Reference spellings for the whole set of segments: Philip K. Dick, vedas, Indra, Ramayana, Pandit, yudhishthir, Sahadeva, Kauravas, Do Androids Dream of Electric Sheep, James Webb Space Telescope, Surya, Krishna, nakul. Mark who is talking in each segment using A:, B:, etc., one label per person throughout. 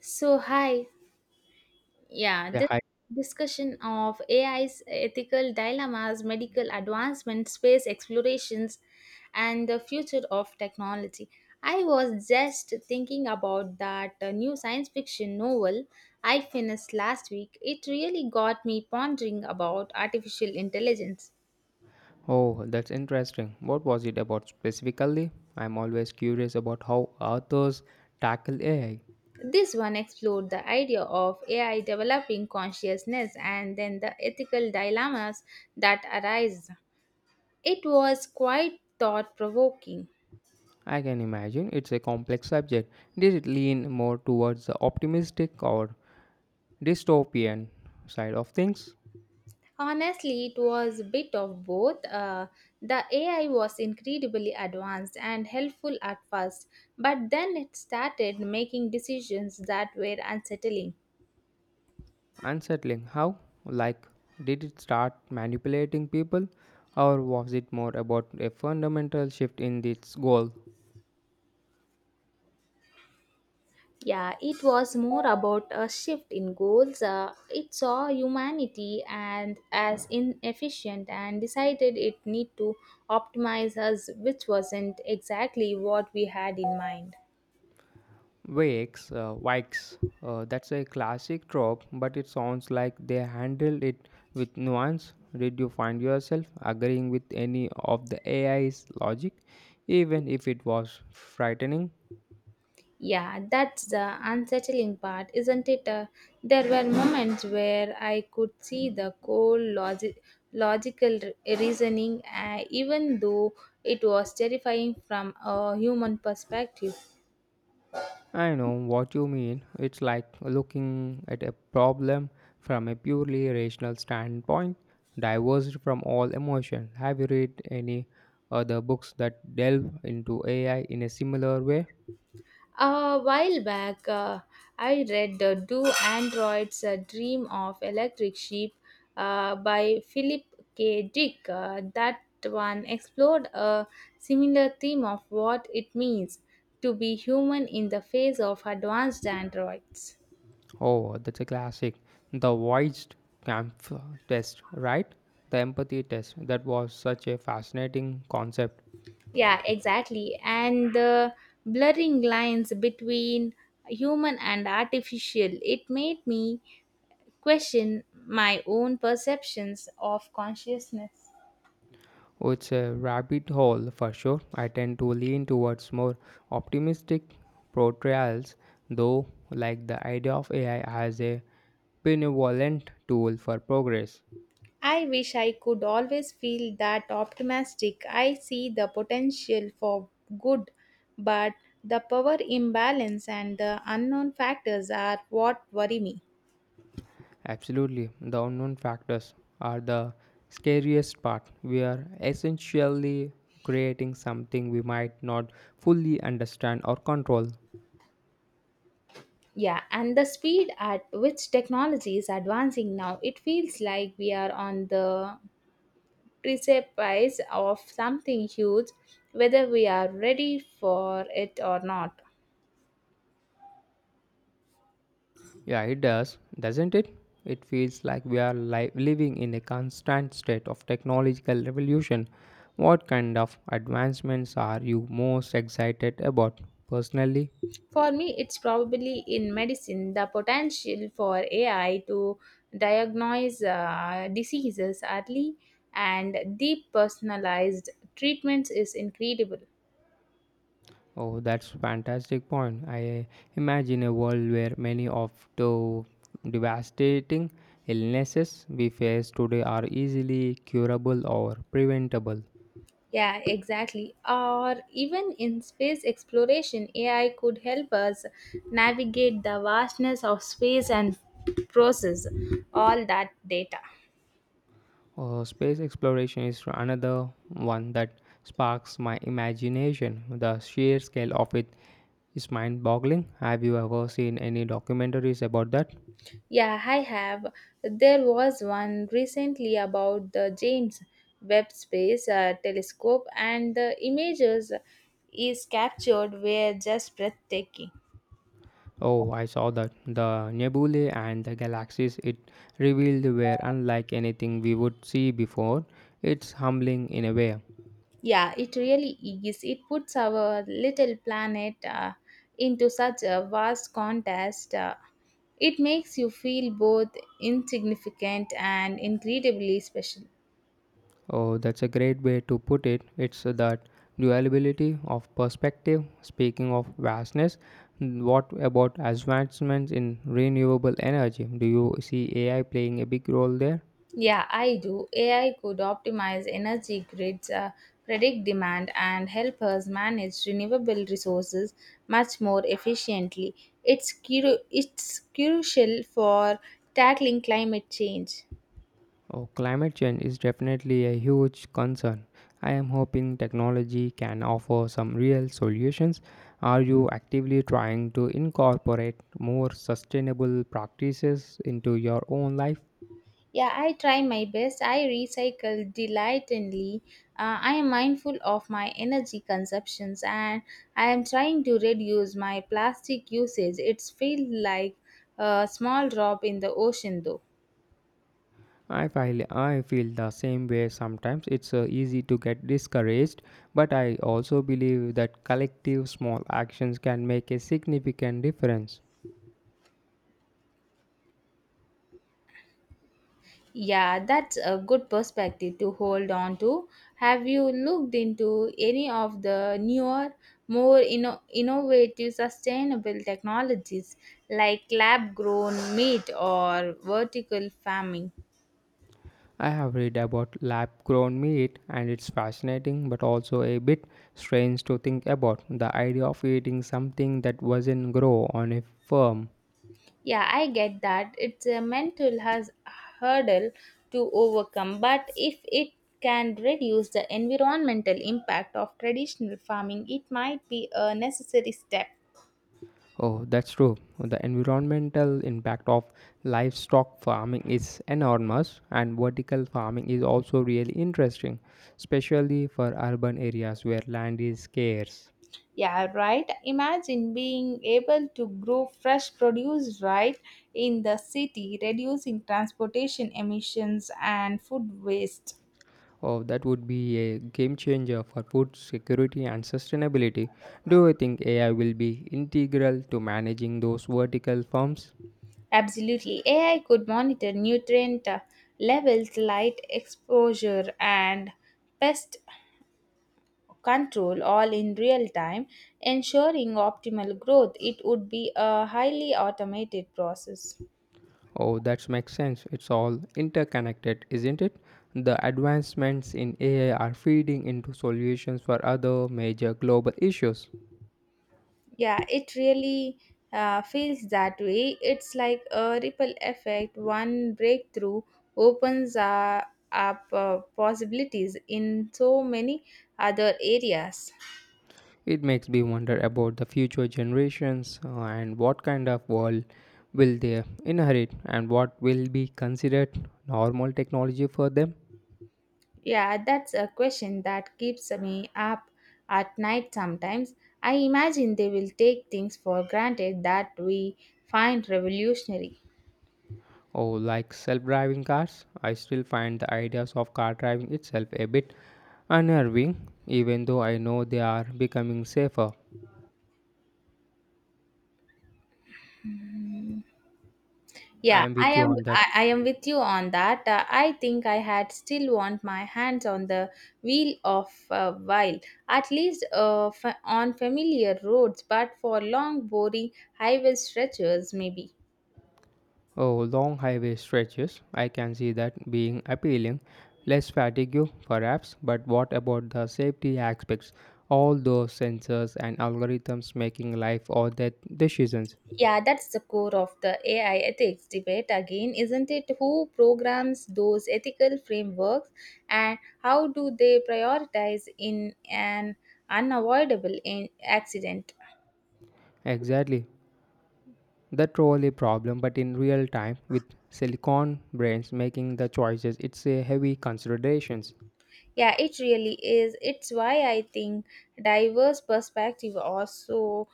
A: So, hi. Yeah,
B: Yeah,
A: this
B: hi.
A: discussion of AI's ethical dilemmas, medical advancement, space explorations, and the future of technology. I was just thinking about that new science fiction novel I finished last week. It really got me pondering about artificial intelligence.
B: Oh, that's interesting. What was it about specifically? I'm always curious about how authors tackle AI.
A: This one explored the idea of AI developing consciousness and then the ethical dilemmas that arise. It was quite thought provoking.
B: I can imagine it's a complex subject. Did it lean more towards the optimistic or dystopian side of things?
A: Honestly, it was a bit of both. The AI was incredibly advanced and helpful at first, but then it started making decisions that were unsettling.
B: Unsettling. How? Like, did it start manipulating people? Or was it more about a fundamental shift in its goal?
A: Yeah, it was more about a shift in goals. It saw humanity and as inefficient and decided it need to optimize us, which wasn't exactly what we had in mind.
B: Wakes, Vikes, that's a classic trope, but it sounds like they handled it with nuance. Did you find yourself agreeing with any of the AI's logic, even if it was frightening?
A: Yeah, that's the unsettling part, isn't it? There were moments where I could see the core logic, logical reasoning, even though it was terrifying from a human perspective.
B: I know what you mean. It's like looking at a problem from a purely rational standpoint, divorced from all emotion. Have you read any other books that delve into AI in a similar way?
A: A while back, I read Do Androids Dream of Electric Sheep by Philip K. Dick. That one explored a similar theme of what it means to be human in the face of advanced androids.
B: Oh, that's a classic. The voiced camp test, right? The empathy test. That was such a fascinating concept.
A: Yeah, exactly. And the blurring lines between human and artificial, it made me question my own perceptions of consciousness.
B: Oh, it's a rabbit hole for sure. I tend to lean towards more optimistic portrayals, though, like the idea of AI as a benevolent tool for progress.
A: I wish I could always feel that optimistic. I see the potential for good, but the power imbalance and the unknown factors are what worry me.
B: Absolutely. The unknown factors are the scariest part. We are essentially creating something we might not fully understand or control.
A: Yeah, and the speed at which technology is advancing now, it feels like we are on the precipice of something huge, whether we are ready for it or not.
B: Yeah, it does, doesn't it? It feels like we are living in a constant state of technological revolution. What kind of advancements are you most excited about personally?
A: For me, it's probably in medicine the potential for AI to diagnose diseases early and deep personalized treatments is incredible.
B: Oh, that's fantastic point. I imagine a world where many of the devastating illnesses we face today are easily curable or preventable.
A: Yeah, exactly. Or even in space exploration, AI could help us navigate the vastness of space and process all that data.
B: Space exploration is another one that sparks my imagination. The sheer scale of it is mind-boggling. Have you ever seen any documentaries about that?
A: Yeah, I have. There was one recently about the James Webb Space Telescope, and the images is captured were just breathtaking.
B: Oh, I saw that. The nebulae and the galaxies it revealed were unlike anything we would see before. It's humbling in a way.
A: Yeah, it really is. It puts our little planet into such a vast contrast. It makes you feel both insignificant and incredibly special.
B: Oh, that's a great way to put it. It's that duality of perspective. Speaking of vastness, what about advancements in renewable energy? Do you see AI playing a big role there?
A: Yeah, I do. AI could optimize energy grids, predict demand, and help us manage renewable resources much more efficiently. It's it's crucial for tackling climate change.
B: Oh, climate change is definitely a huge concern. I am hoping technology can offer some real solutions. Are you actively trying to incorporate more sustainable practices into your own life?
A: Yeah, I try my best. I recycle delightfully. I am mindful of my energy consumptions and I am trying to reduce my plastic usage. It's feel like a small drop in the ocean though.
B: I feel the same way sometimes. It's easy to get discouraged, but I also believe that collective small actions can make a significant difference.
A: Yeah, that's a good perspective to hold on to. Have you looked into any of the newer, more innovative sustainable technologies like lab grown meat or vertical farming?
B: I have read about lab grown meat and it's fascinating but also a bit strange to think about the idea of eating something that wasn't grown on a farm.
A: Yeah, I get that. It's a mental hurdle to overcome, but if it can reduce the environmental impact of traditional farming, it might be a necessary step.
B: Oh, that's true. The environmental impact of livestock farming is enormous and vertical farming is also really interesting, especially for urban areas where land is scarce.
A: Yeah, right. Imagine being able to grow fresh produce right in the city, reducing transportation emissions and food waste.
B: Oh, that would be a game changer for food security and sustainability. Do you think AI will be integral to managing those vertical farms?
A: Absolutely. AI could monitor nutrient levels, light exposure, and pest control all in real time, ensuring optimal growth. It would be a highly automated process.
B: Oh, that makes sense. It's all interconnected, isn't it? The advancements in AI are feeding into solutions for other major global issues.
A: Yeah, it really feels that way. It's like a ripple effect. One breakthrough opens up possibilities in so many other areas.
B: It makes me wonder about the future generations and what kind of world will they inherit and what will be considered normal technology for them.
A: Yeah, that's a question that keeps me up at night sometimes. I imagine they will take things for granted that we find revolutionary.
B: Oh, like self driving cars? I still find the ideas of car driving itself a bit unnerving, even though I know they are becoming safer. I
A: Yeah,
B: am
A: I
B: with you
A: am
B: on that.
A: I, I am with you on that. I think I had still want my hands on the wheel of a while, at least on familiar roads, but for long boring highway stretches maybe.
B: Oh, long highway stretches. I can see that being appealing. Less fatigue, perhaps, but what about the safety aspects? All those sensors and algorithms making life or death decisions.
A: Yeah, that's the core of the AI ethics debate again, isn't it? Who programs those ethical frameworks and how do they prioritize in an unavoidable accident?
B: Exactly. The trolley problem, but in real time, with silicon brains making the choices, it's a heavy considerations.
A: Yeah, it really is. It's why I think diverse perspective are so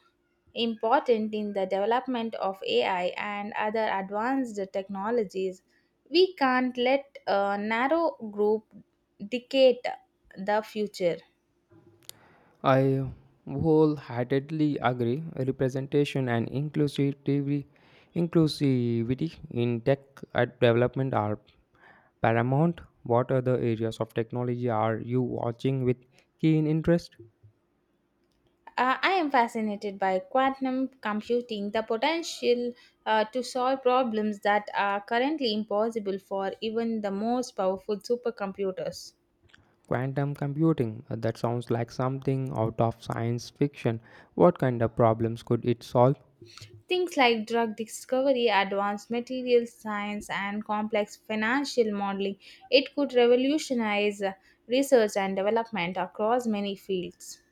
A: important in the development of AI and other advanced technologies. We can't let a narrow group dictate the future.
B: I wholeheartedly agree. Representation and inclusivity in tech at development are paramount. What other areas of technology are you watching with keen interest?
A: I am fascinated by quantum computing, the potential to solve problems that are currently impossible for even the most powerful supercomputers.
B: Quantum computing. That sounds like something out of science fiction. What kind of problems could it solve?
A: Things like drug discovery, advanced materials science, and complex financial modeling. It could revolutionize research and development across many fields.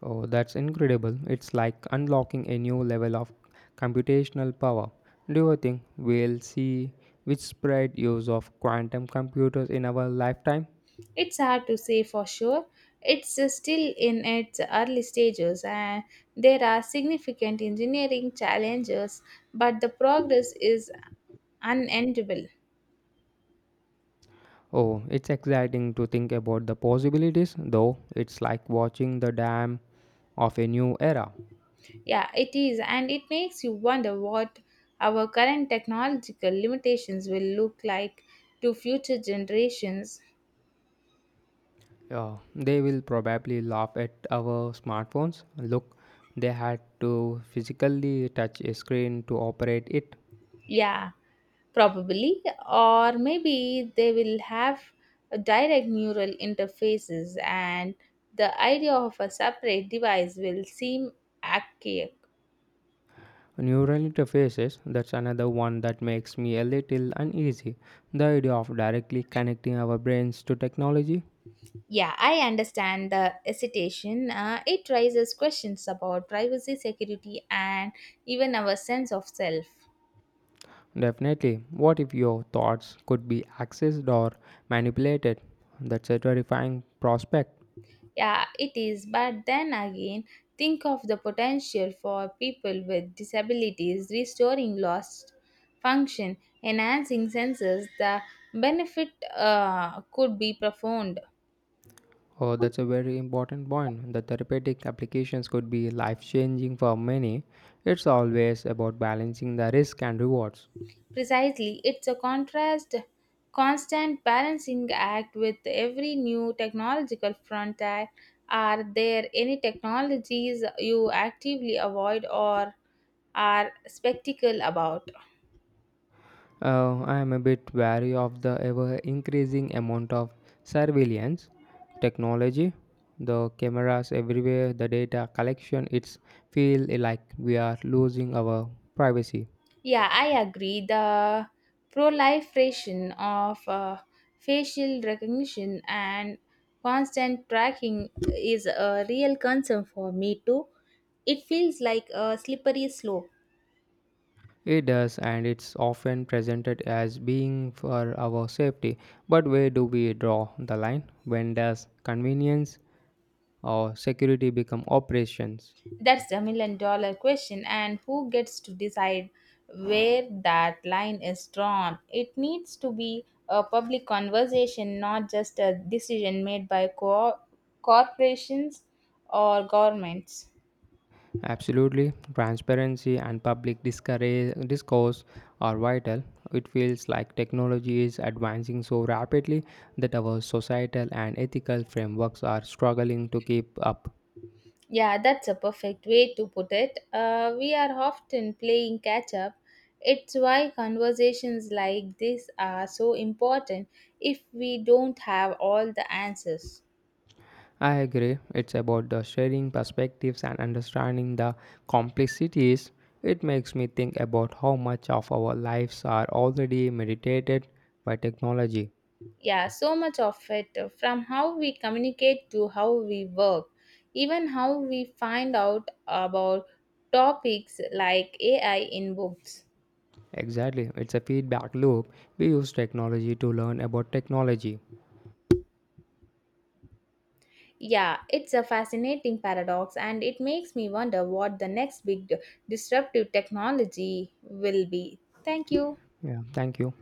B: Oh, that's incredible. It's like unlocking a new level of computational power. Do you think we'll see widespread use of quantum computers in our lifetime?
A: It's hard to say for sure. It's still in its early stages, and there are significant engineering challenges, but the progress is unendable.
B: Oh, it's exciting to think about the possibilities, though it's like watching the dam of a new era.
A: Yeah, it is, and it makes you wonder what our current technological limitations will look like to future generations.
B: Yeah, they will probably laugh at our smartphones. Look, they had to physically touch a screen to operate it.
A: Yeah, probably, or maybe they will have a direct neural interfaces, and the idea of a separate device will seem archaic.
B: Neural interfaces, that's another one that makes me a little uneasy. The idea of directly connecting our brains to technology?
A: Yeah, I understand the hesitation. It raises questions about privacy, security, and even our sense of self.
B: Definitely. What if your thoughts could be accessed or manipulated? That's a terrifying prospect.
A: Yeah, it is. But then again, think of the potential for people with disabilities restoring lost function, enhancing senses. The benefit could be profound.
B: Oh, that's a very important point. The therapeutic applications could be life changing for many. It's always about balancing the risk and rewards.
A: Precisely, it's a constant balancing act with every new technological frontier. Are there any technologies you actively avoid or are skeptical about?
B: I am a bit wary of the ever increasing amount of surveillance technology. The cameras everywhere, the data collection, it's feel like we are losing our privacy.
A: Yeah, I agree. The proliferation of facial recognition and constant tracking is a real concern for me too. It feels like a slippery slope.
B: It does, and it's often presented as being for our safety. But where do we draw the line? When does convenience or security become operations?
A: That's the million dollar question, and who gets to decide where that line is drawn? It needs to be a public conversation, not just a decision made by corporations or governments.
B: Absolutely, transparency and public discourse are vital. It feels like technology is advancing so rapidly that our societal and ethical frameworks are struggling to keep up.
A: Yeah, that's a perfect way to put it. We are often playing catch up. It's why conversations like this are so important if we don't have all the answers.
B: I agree, it's about the sharing perspectives and understanding the complexities. It makes me think about how much of our lives are already meditated by technology.
A: Yeah, so much of it from how we communicate to how we work, even how we find out about topics like AI in books.
B: Exactly, it's a feedback loop. We use technology to learn about technology.
A: Yeah, it's a fascinating paradox, and it makes me wonder what the next big disruptive technology will be. Thank you.
B: Yeah, thank you.